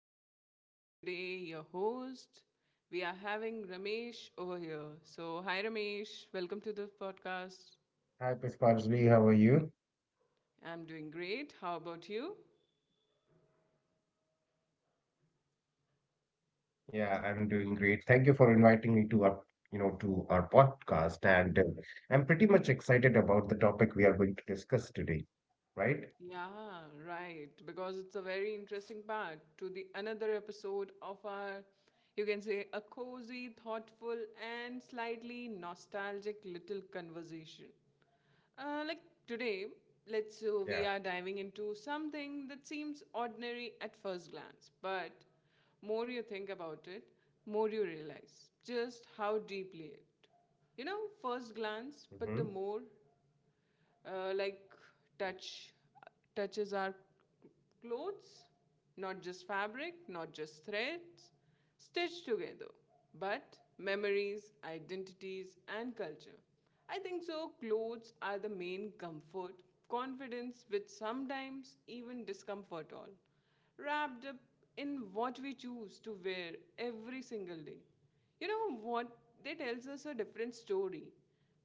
Pushpanchali, today your host. We are having Ramesh over here. So, hi Ramesh, welcome to the podcast. Hi, Pushparsvi. How are you? I'm doing great. How about you? Yeah, I'm doing great. Thank you for inviting me to our podcast. And I'm pretty much excited about the topic we are going to discuss today, right? Yeah, right. Because it's a very interesting part to the another episode of our, you can say, a cozy, thoughtful, and slightly nostalgic little conversation. Like Yeah. today, let's so we are diving into something that seems ordinary at first glance, but more you think about it, more you realize just how deeply it. You know, first glance, Mm-hmm. but the more uh, like touch touches our clothes, not just fabric, not just threads stitched together, but memories, identities, and culture. I think so clothes are the main comfort, confidence, with sometimes even discomfort, all Mm, wrapped up in what we choose to wear every single day. You know what, they tells us a different story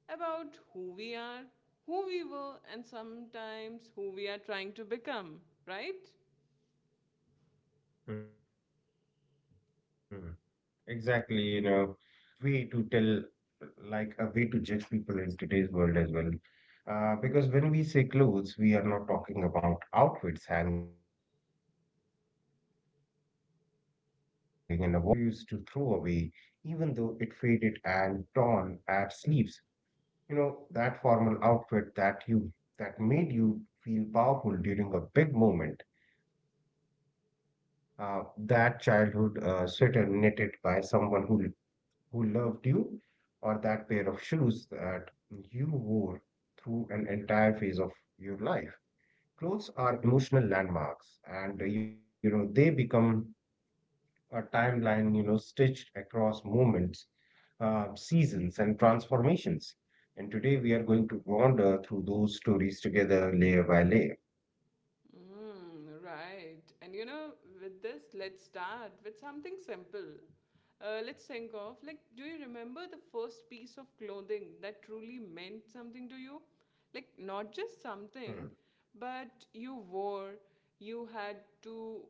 about who we are, who we were, and sometimes who we are trying to become, right? mm. Exactly. Clothes have been, um, way to tell, like a way to judge people in today's world as well. Because when we say clothes, we are not talking about outfits hanging in a wardrobe. We are talking about that favorite t shirt you refuse to throw away, even though it faded and torn at sleeves. You know, that formal outfit that made you feel powerful during a big moment. That childhood sweater knitted by someone who loved you, or that pair of shoes that you wore through an entire phase of your life. Clothes are emotional landmarks, and they become a timeline, stitched across moments, seasons, and transformations. And today we are going to wander through those stories together, layer by layer. Mm, right. And you know, with this, let's start with something simple. Let's think of, like, do you remember the first piece of clothing that truly meant something to you? Like, not just something, Hmm. but you wore, you had to,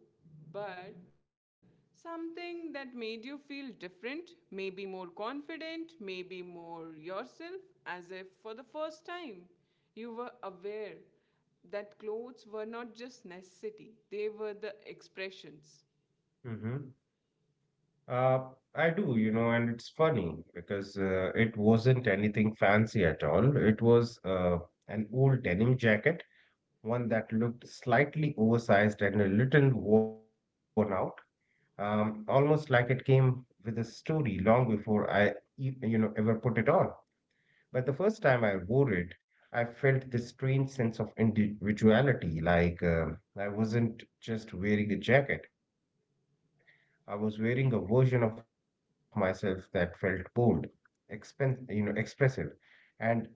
but something that made you feel different, maybe more confident, maybe more yourself, as if for the first time you were aware that clothes were not just necessity, they were the expressions. Mm-hmm. Uh, I do, and it's funny because it wasn't anything fancy at all. It was an old denim jacket, one that looked slightly oversized and a little worn out, almost like it came with a story long before I ever put it on. But the first time I wore it, I felt this strange sense of individuality, like I wasn't just wearing a jacket. I was wearing a version of myself that felt bold, expressive, and unapologetic.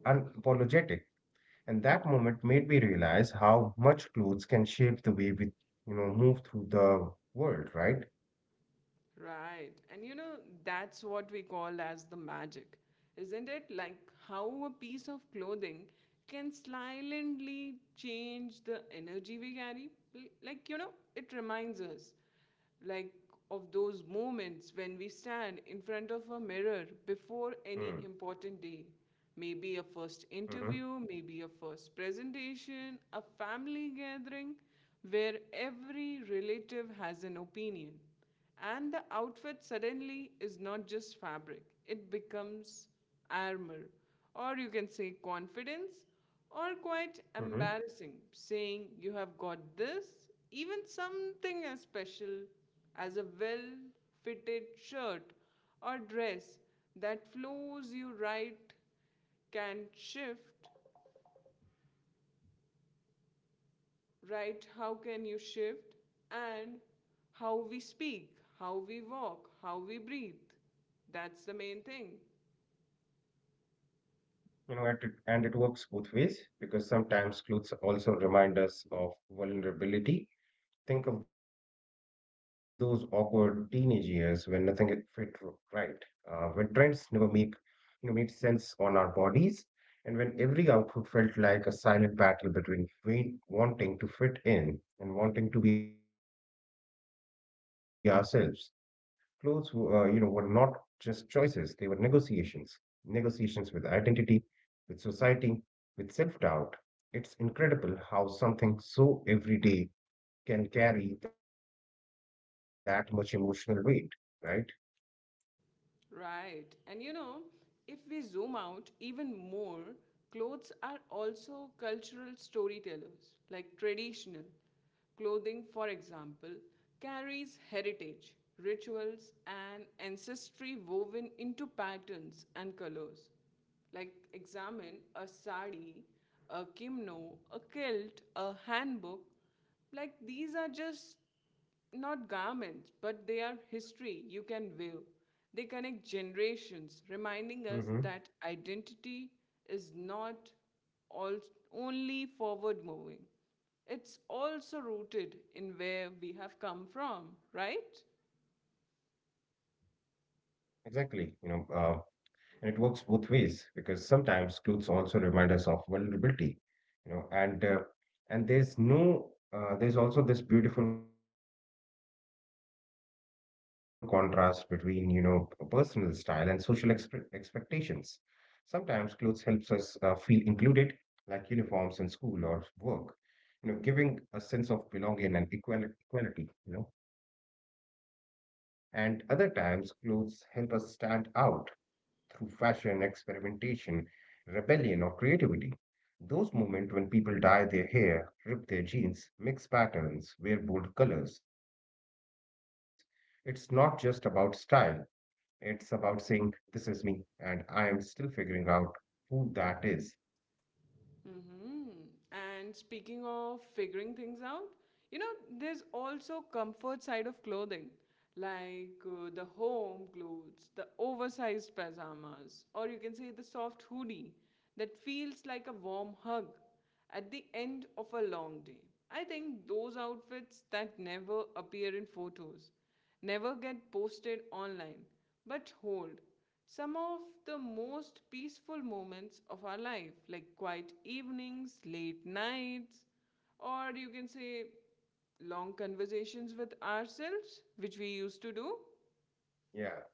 And that moment made me realize how much clothes can shape the way we move through the world, right? Right. And you know, that's what we call as the magic, isn't it? Like how a piece of clothing can silently change the energy we carry. Like, you know, it reminds us, like, of those moments when we stand in front of a mirror before any important day. Maybe a first Mm-hmm. interview, maybe a first presentation, a family gathering where every relative has an opinion, and the outfit Yeah. suddenly is not just fabric, it becomes armor, or you can say confidence, or quite Mm-hmm. embarrassing, saying you have got this, even something as special as a well fitted shirt or dress that flows you right can shift, right? How can you shift? And how we speak, how we walk, how we breathe. That's the main thing. You know, at, and it works both ways because sometimes clothes also remind us of vulnerability. Think of those awkward teenage years when nothing had fit right, when trends never make you know made sense on our bodies, and when every outfit felt like a silent battle between weight, wanting to fit in and wanting to be ourselves. Clothes, were not just choices; they were negotiations, negotiations with identity with society, with self doubt. It's incredible how something so everyday can carry that much emotional weight, right? Right. And you know, if we zoom out even more, clothes are also cultural storytellers, like traditional. Clothing, for example, carries heritage, rituals, and ancestry woven into patterns and colors. Like, examine a sari, a kimono, a kilt, a handbook. Like, these are just not garments, but they are history Yeah. you can view. They connect generations, reminding us that Hmm. identity is not all, only forward moving. It's also rooted in where we have come from, right? Exactly. And it works both ways because sometimes clothes also remind us of vulnerability, you know, and uh, and there's no there's also this beautiful contrast between personal style and social expectations. Sometimes clothes helps us feel included, like uniforms in school or work, giving a sense of belonging and equality. And other times, clothes help us stand out through fashion, experimentation, rebellion, or creativity. Those moments when people dye their hair, rip their jeans, mix patterns, wear bold colors, it's not just about style. It's about saying, "This is me, and I am still figuring out who that is." Mm-hmm. And speaking of figuring things out, you know, there's also comfort side of clothing, like the home clothes, the oversized pajamas, or you can say the soft hoodie that feels like a warm hug at the end of a long day. I think those outfits that never appear in photos, never get posted online, but hold some of the most peaceful moments of our life, like quiet evenings, late nights, or you can say long conversations with ourselves, which we used to do. Yeah.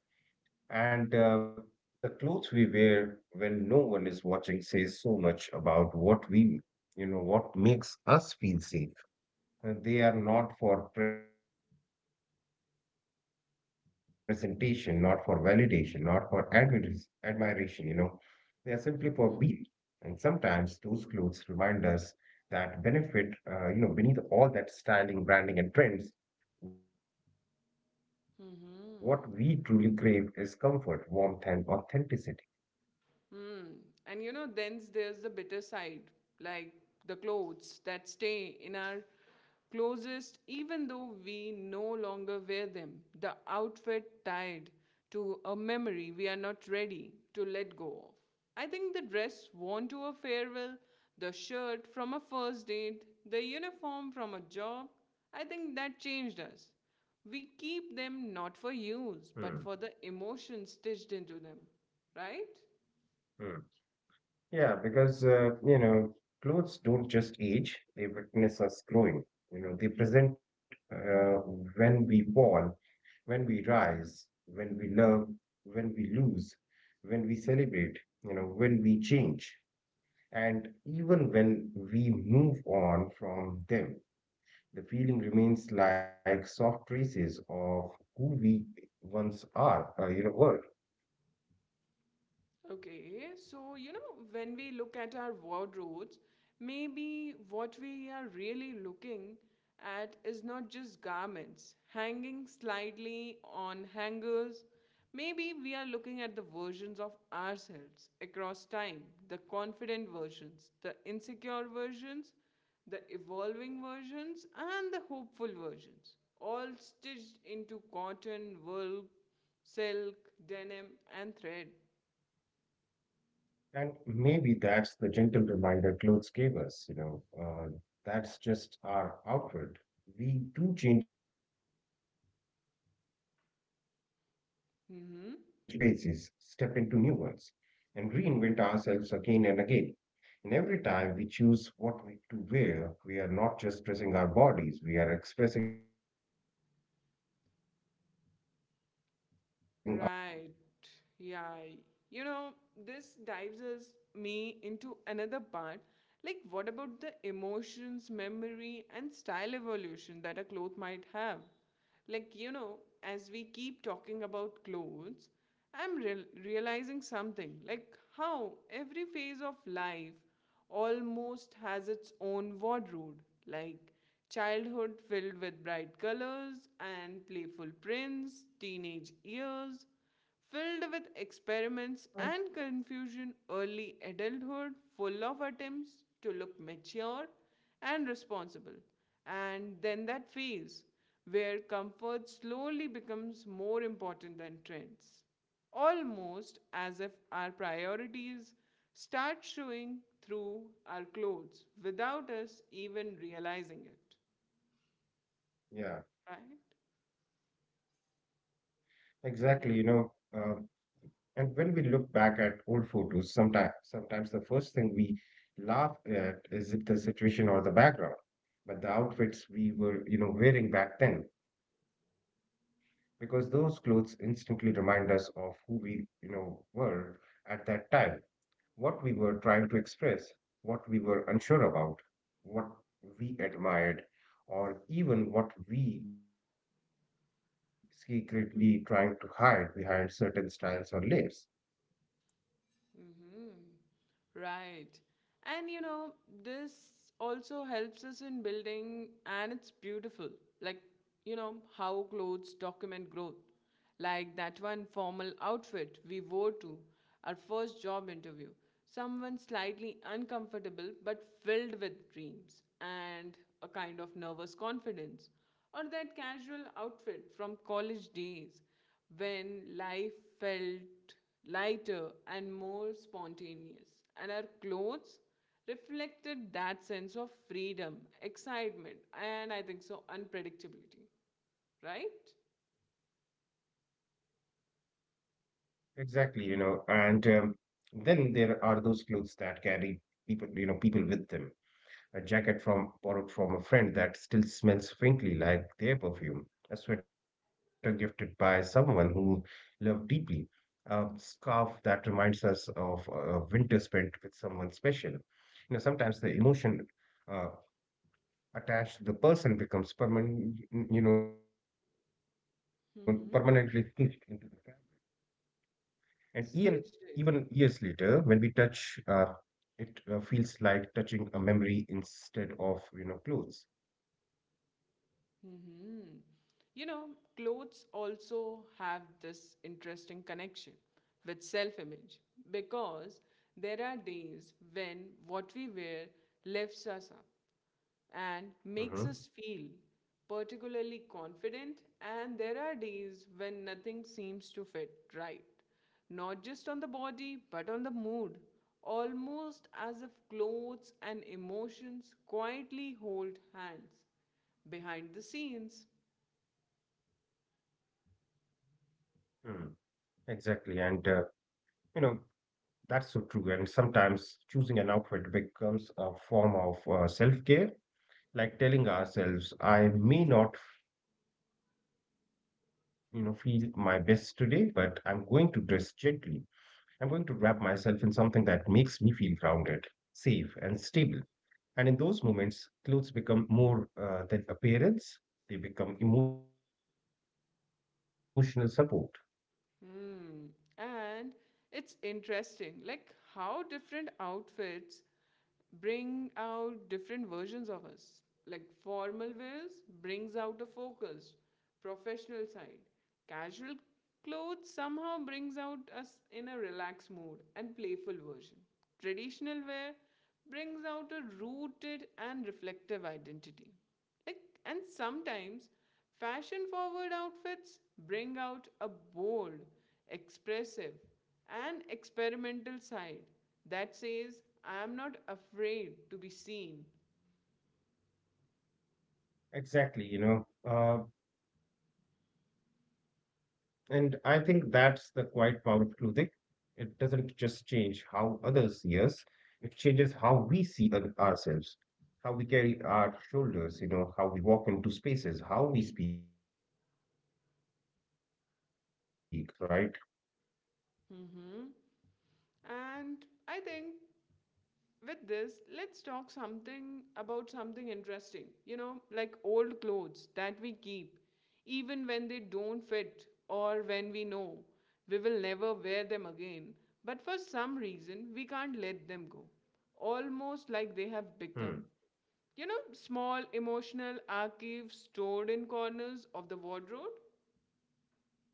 And the clothes we wear when no one is watching says so much about what we, you know, what makes us feel safe. They are not for presentation, not for validation, not for admiration. They are simply for being. And sometimes those clothes remind us that benefit, you know, beneath all that styling, branding, and trends, what we truly crave is comfort, warmth, and authenticity. Mm-hmm. Hmm. And you know, then there's the bitter side, like the clothes that stay in our closest, even though we no longer wear them. The outfit tied to a memory we are not ready to let go of. I think the dress worn to a farewell, the shirt from a first date, the uniform from a job, I think that changed us. We keep Hmm. them not for use, but for the emotion stitched into them, right? Hmm. Yeah, because clothes don't just age, they witness us growing. They present when we fall, when we rise, when we love, when we lose, when we celebrate, when we change, and even when we move on from them. The feeling remains like soft traces of who we once were. Okay, so you know, when we look at our wardrobes, maybe what we are really looking at is not just garments hanging slightly on hangers. Maybe we are looking at the versions of ourselves across time, the confident versions, the insecure versions, the evolving versions, and the hopeful versions, all stitched into cotton, wool, silk, denim, and thread. And maybe that's the gentle reminder clothes gave us, that's just our outward. We do change over seasons, grow older old Mm-hmm. phases, step into new ones, and reinvent ourselves again and again. And every time we choose what we to wear, we are not just dressing our bodies, we are expressing our stories. Right. Yeah. You know, this dives us me into another part. Like, what about the emotions, memory, and style evolution that a cloth might have? Like, you know, as we keep talking about clothes, I'm realizing something. Like, how every phase of life almost has its own wardrobe, like childhood filled with bright colors and playful prints, teenage years filled with experiments and confusion, early adulthood full of attempts to look mature and responsible, and then that phase where comfort slowly becomes more important than trends, almost as if our priorities start showing through our clothes without us even realizing it, Yeah. right? Exactly, um, and when we Mm-hmm. look back at old photos, sometimes the first thing we laugh at is it the situation or the background, but the outfits we were wearing back then, because those clothes instantly remind us of who we were at that time, what we were trying to express, what we were unsure about, what we admired, or even what we secretly trying to hide behind certain styles or layers. Mm-hmm. Right. And you know, this also helps us in building, and it's beautiful. Like, you know, how clothes document growth. Like that one formal outfit we wore to our first job interview. Someone slightly uncomfortable but filled with dreams and a kind of nervous confidence. Or that casual outfit from college days when life felt lighter and more spontaneous, and our clothes reflected that sense of freedom, excitement, and I think so, unpredictability, right? Exactly, you know, and then there are those clothes that carry people with them. A jacket from borrowed from a friend that still smells faintly like their perfume. A sweater gifted by someone who loved deeply, a scarf that reminds us of a winter spent with someone special. Sometimes the emotion uh, attached to the person becomes permanent, permanently stitched into the fabric. Mm-hmm. And even Stitched years into. later, when we touch, it feels like touching a memory instead of clothes. Mm-hmm. You know, clothes also have this interesting connection with self image, because there are days when what we wear lifts us up and makes us Mm-hmm. feel particularly confident. And there are days when nothing seems to fit right, not just on the body, but on the mood, almost as if clothes and emotions quietly hold hands behind the scenes. Mm, Exactly, and you know That's so true. And sometimes choosing an outfit becomes a form of self-care, like telling ourselves, I may not feel my best today, but I'm going to dress gently. I'm going to wrap myself in something that makes me feel grounded, safe, and stable. And in those moments, clothes become more than appearance, they become emotional support. Hmm. And it's interesting, like how different outfits bring out different versions of us. Like formal wears brings out a focused, professional side. Casual clothes somehow brings out us in a relaxed mood and playful version. Traditional wear brings out a rooted and reflective identity. Like, and sometimes fashion forward outfits bring out a bold, expressive, and experimental side that says, I am not afraid to be seen. Exactly. Uh, and I think that's the quiet power of clothing. It doesn't just change how others see us, it changes how we see ourselves, how we carry our shoulders, how we walk into spaces, how we speak, and how we feel about belonging to the world around us, right? Mhm. And I think with this, let's talk something about something interesting. You know, like old clothes that we keep, even when they don't fit or when we know we will never wear them again. But for some reason, we can't let them go. Almost like they have become. Hmm. You know, small emotional archives stored in corners of the wardrobe.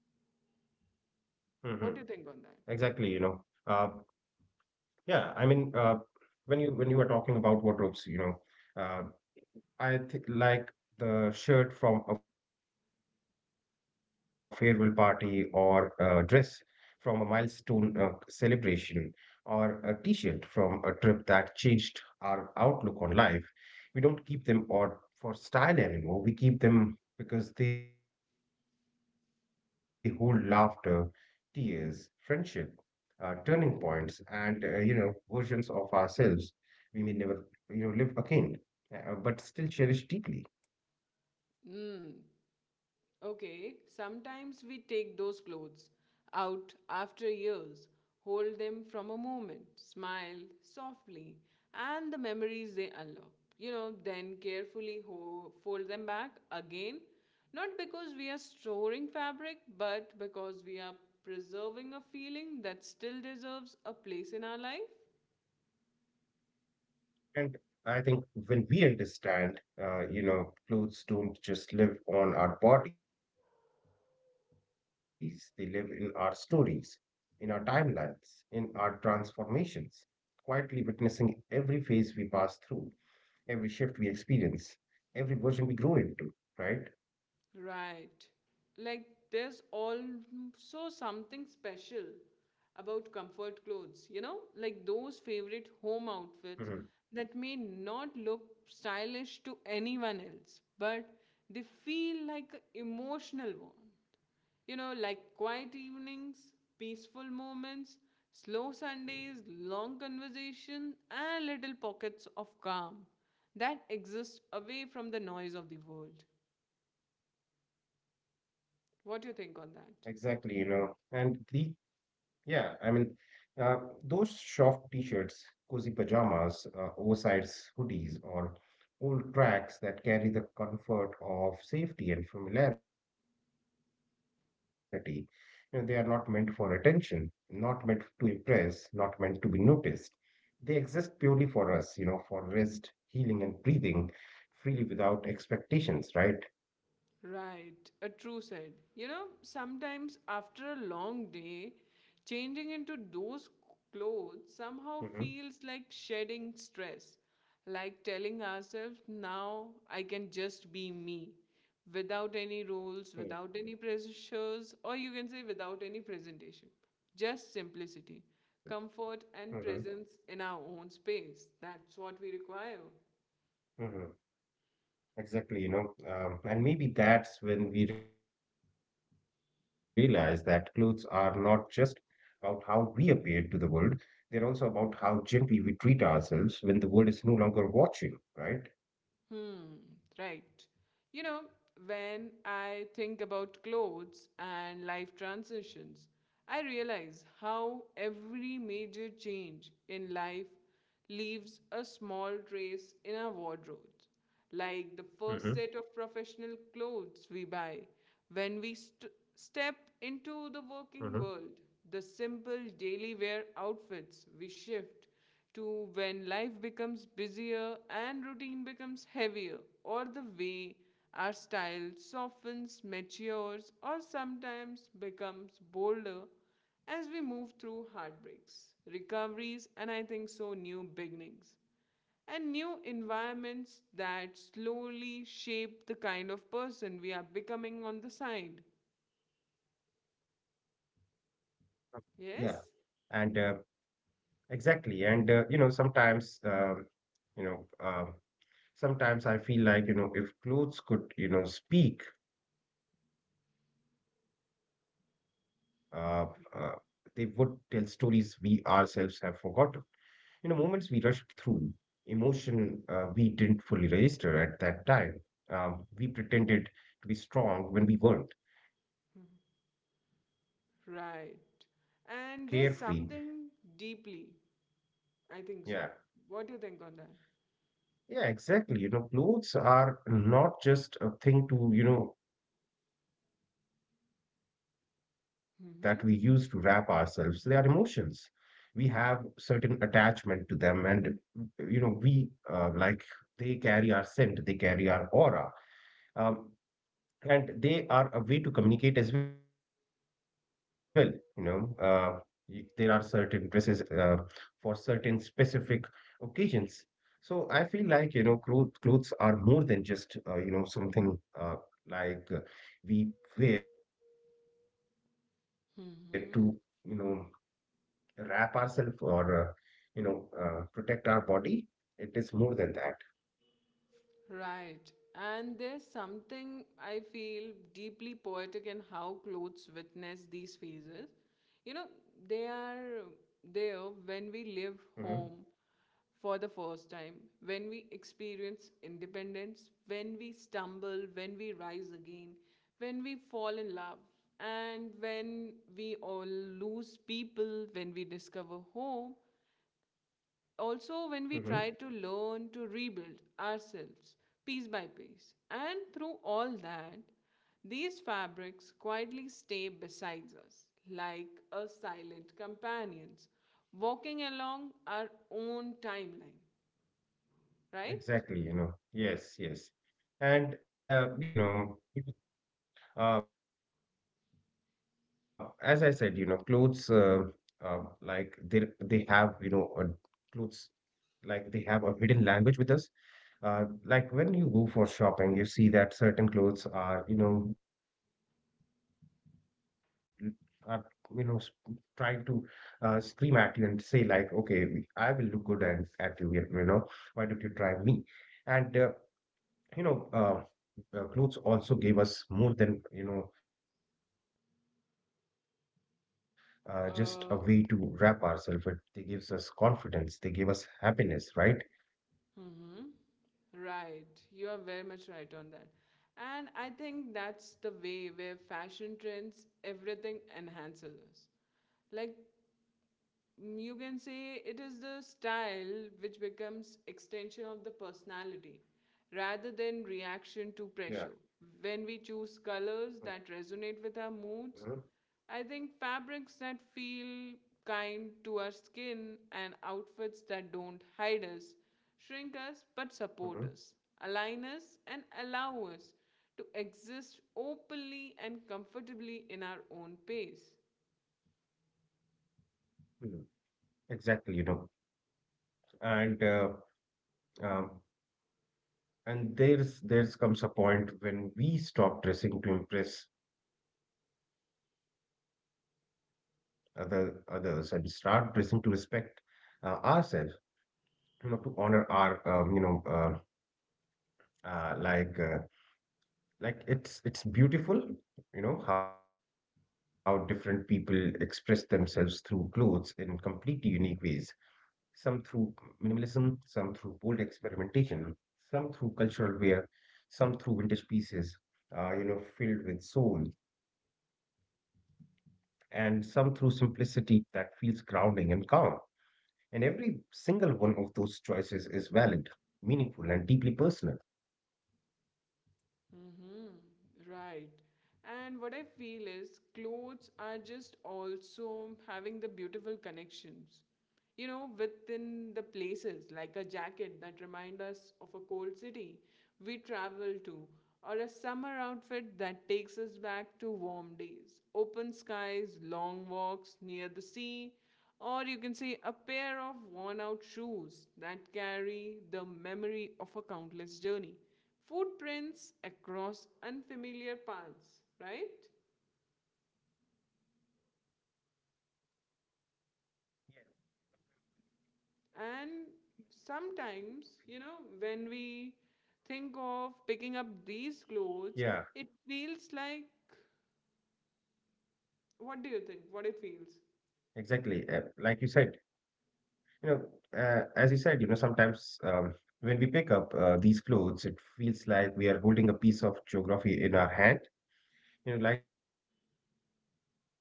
Mm-hmm. ExactlyWhat do you think on Uh, yeah, I mean, when you were talking about wardrobes, uh, I think like the shirt from a farewell party or a dress from a milestone celebration, or a t-shirt from a trip that changed our outlook on life. We don't keep them or for style anymore. We keep them because they hold laughter, tears, friendship, turning points, and versions of ourselves we may never live again, but still cherish deeply. that? Okay, sometimes we take those clothes out after years, hold them from a moment, smile softly, and the memories they unlock. You know, then carefully fold them back again, not because we are storing fabric, but because we are preserving a feeling that still deserves a place in our life. And I think when we understand, clothes don't just live on our bodies, they live in our stories, in our timelines, in our transformations, quietly witnessing every phase we pass through, every shift we experience, every version we grow into, right? Right. Like there's also something special about comfort clothes, you know, like those favorite Hmm. home outfits that may not look stylish to anyone else, but they feel like an emotional warmth. You know, like quiet evenings, peaceful moments, slow Sundays, long conversation, and little pockets of calm that exist away from the noise of the world. Exactly, you What do you know, think on that? and the Yeah, I mean, uh, those soft t-shirts, cozy pajamas, oversized hoodies, or old tracks that carry the comfort of safety and familiarity. They are not meant for attention, not meant to impress, not meant to be noticed. They exist purely for us, for rest, healing, and breathing freely without expectations, right? Right, a true said. You know, sometimes after a long day, changing into those Mm-hmm. clothes somehow feels like shedding stress, like telling ourselves, now I can just be me, without any rules, without any pressures, or you can say without any presentation. Just simplicity, Mm-hmm. comfort, and presence in our own space. That's what we require. Mm-hmm. Exactly, and maybe that's when we realize that clothes are not just about how we appear to the world, they're also about how gently we treat ourselves when the world is no longer watching, right? Hmm, right. You know, when I think about clothes and life transitions, I realize how every major change in life leaves a small trace in our wardrobes. Like the first set Mm-hmm. of professional clothes we buy when we Mm-hmm. Step into the working world, the simple daily wear outfits we shift to when life becomes busier and routine becomes heavier, or the way our style softens, matures, or sometimes becomes bolder as we move through heartbreaks, recoveries, and I think so new beginnings, and new environments that slowly shape the kind of person we are becoming on the side. Yeah, Yes? and exactly, and you know, um, sometimes I feel like, if clothes could, speak, uh, uh, they would tell stories we ourselves have forgotten. Moments we rushed through, emotion we didn't fully register at that time. We pretended to be strong when we weren't, and days when we felt, free, Right. alive, And there's carefree. something deeply, I think so. Yeah, What do you think on that? yeah, exactly. Clothes are not just a thing that we use to wrap ourselves. They are emotions. Mm-hmm. We have certain attachment to them, and we like they carry our scent, they carry our aura. Um, and they are a way to communicate as well, you know uh, there are certain dresses for certain specific occasions. So I feel like clothes are more than just something, uh, like uh, we wear to you know wrap Mm-hmm. ourselves, or protect our body. It is more than that. Right. And there's something I feel deeply poetic in how clothes witness these phases. You know, they Mm-hmm. are there when we leave home for the first time, when we experience independence, when we stumble, when we rise again, when we fall in love, and when we all lose people, when we discover home, also when we try Mm-hmm. to learn to rebuild ourselves piece by piece, and through all that these fabrics quietly stay beside us like a silent Hmm. companions walking along our own timeline, right? Exactly. Yes, yes. And as I said, clothes like they have, clothes like they have a hidden language with us. Like when you go for shopping, you see that certain clothes are, are, you know, s- trying to scream at you and say, like, okay, I will look good, and at you. Why don't you try me? And you know, clothes also gave us more than, just a way to wrap ourselves. They gave us uh confidence. They gave us happiness, right? mhm. Right, you are very much right on that. And I think that's the way where fashion trends everything enhances us. Like you can say it is the style which becomes extension of the personality rather than Yeah. reaction to pressure when we choose colors Mm-hmm. that resonate with our moods. I think fabrics that feel kind to our skin, and outfits that don't hide us, shrink us, but Mm-hmm. support us, align us, and allow us to exist openly and comfortably in our own pace. Mm, Exactlyand uh, um, and there's comes a point when we stop dressing to impress others and start dressing to respect ourselves, to honor our um, you know uh, uh, like uh, like it's beautiful. How different people express themselves through clothes in completely unique ways. Some through minimalism, some through bold experimentation, some through cultural wear, some through vintage pieces filled with soul, and some through simplicity that feels grounding and calm. And every single one of those choices is valid, meaningful, and deeply personal. Mm-hmm. Right. And what I feel is clothes are just also having the beautiful connections, you know, within the places, like a jacket that remind us of a cold city we travel to, or a summer outfit that takes us back to warm days, open skies, long walks near the sea, or you can say a pair of worn out shoes that carry the memory of a countless journey, footprints across unfamiliar paths, right? And sometimes, you know, when we think of picking up these Yeah, clothes, it feels like what do exactly. you think? What Like it you said. feels? You know, as you said, sometimes when we pick up these clothes, it feels like we are holding a piece of geography in our hand, like the air of the place,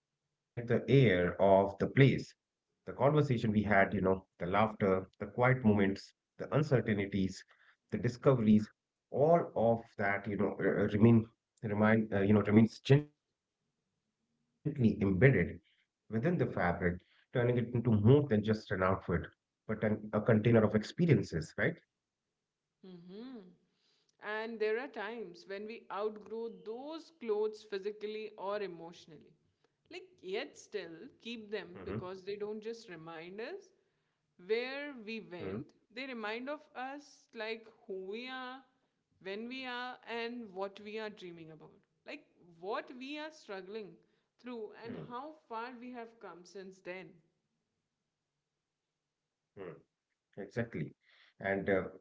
the conversation we had, the laughter, the quiet moments, the uncertainties, the discoveries, all of that, remains gently embedded within the fabric, turning it into more than just an outfit, but a container of experiences, right? Mhm. And there are times when we outgrow those clothes physically or emotionally. Like, yet Hmm. still keep them because they don't just remind us where Hmm. we went, they remind of us like who we are, when we are, and what we are dreaming about. Like, what we Hmm. are struggling through and how far we have come since then. Hmm. Exactly. And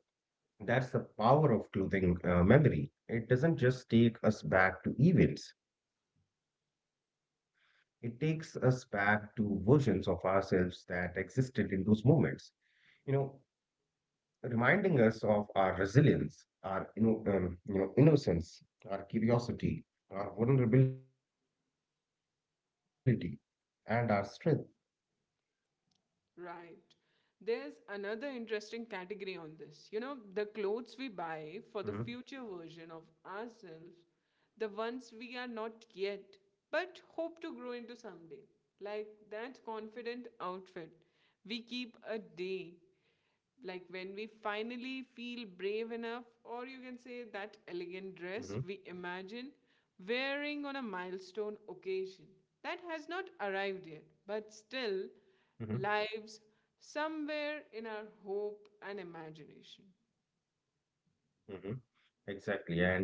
that's the power of clothing memory. It doesn't just take us back to events, it takes us back to versions of ourselves that existed in those moments. You know, reminding us of our resilience, our innocence, our curiosity, our vulnerability, and our strength. Right. There's another interesting category on this. You know, the clothes we Mm-hmm. buy for the future version of ourselves, the ones we are not yet, but hope to grow into someday. Like that confident outfit we keep a day like when we finally feel brave enough, or you can say that Mm-hmm. elegant dress we imagine wearing on a milestone occasion that has not Mm-hmm. arrived yet, but still lives somewhere in our hope and imagination. Mm-hmm. Exactly, and uh,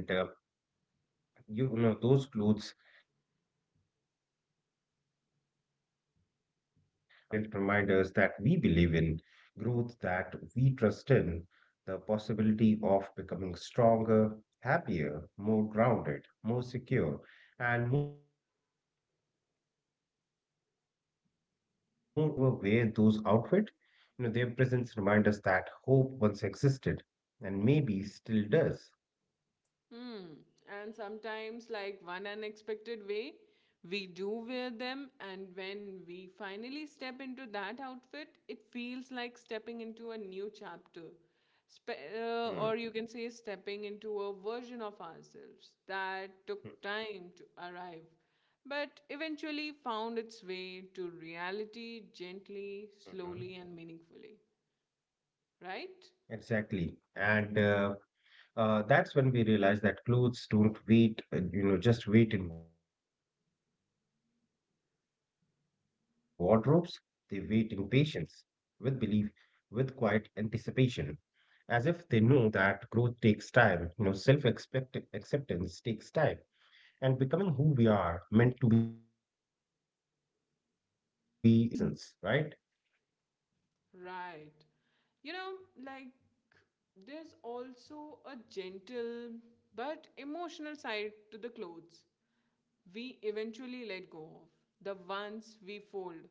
you know those clothes almost feel like promises we make to ourselves, silent reminders that we believe in growth, that we trust in the possibility of becoming stronger, happier, more grounded, more secure, and more open to life. And sometimes, even if we never wear those outfit, their presence reminds us that hope once existed, and maybe still does. Hmm. And sometimes, like one unexpected way, we do wear them, and when we finally step into that outfit, it feels like stepping into a new chapter. Hmm. Or you can say, stepping into a version of ourselves that Hmm. took time to arrive, but eventually found its way to reality gently, Mhm. slowly, and meaningfully. Right? Exactly. And that's when we realize that clothes don't just wait in wardrobes. They wait in patience, with belief, with quiet anticipation, as if they know that growth takes time, self expect acceptance takes time. And becoming who we are meant to be isn't a race, but a journey stitched across seasons, right? Right. You know, like there's also a gentle but emotional side to the clothes we Mm-hmm. eventually let go of, the ones we fold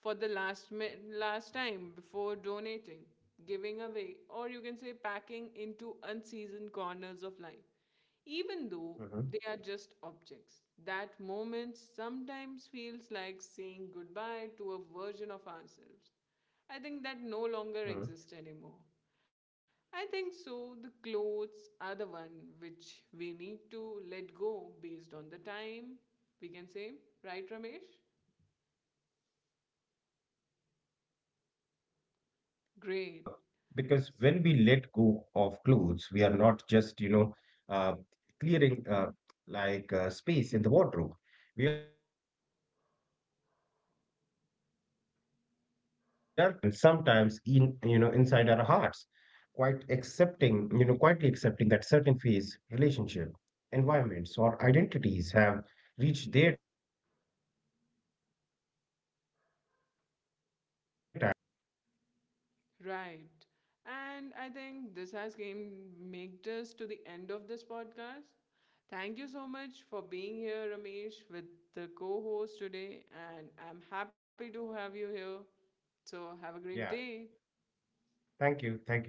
for the last time before donating, giving away, or you can say packing into unseasoned corners of life. Even though Mm-hmm. they are just objects, that moment sometimes feels like saying goodbye to a version of ourselves. I think that no Mm-hmm. longer exists anymore. I think so. The clothes are the one which we need to let go based on the time, we can say. Right, Ramesh? Yeah, I mean, because when we let go of clothes, Great. we are not just, uh, clearing space in the wardrobe. We are clearing space inside our memories, inside our experiences, and sometimes inside our hearts. Quite accepting, you know, quietly accepting that certain phase, relationship, environments, or identities have reached their time and gracefully stepped out of our journey. Right. And I think this has came made us to the end of this podcast. Thank you so much for being here, Ramesh, with the co-host today, and I'm happy to have you here. So have a great Yeah. day. Thank you. Thank you.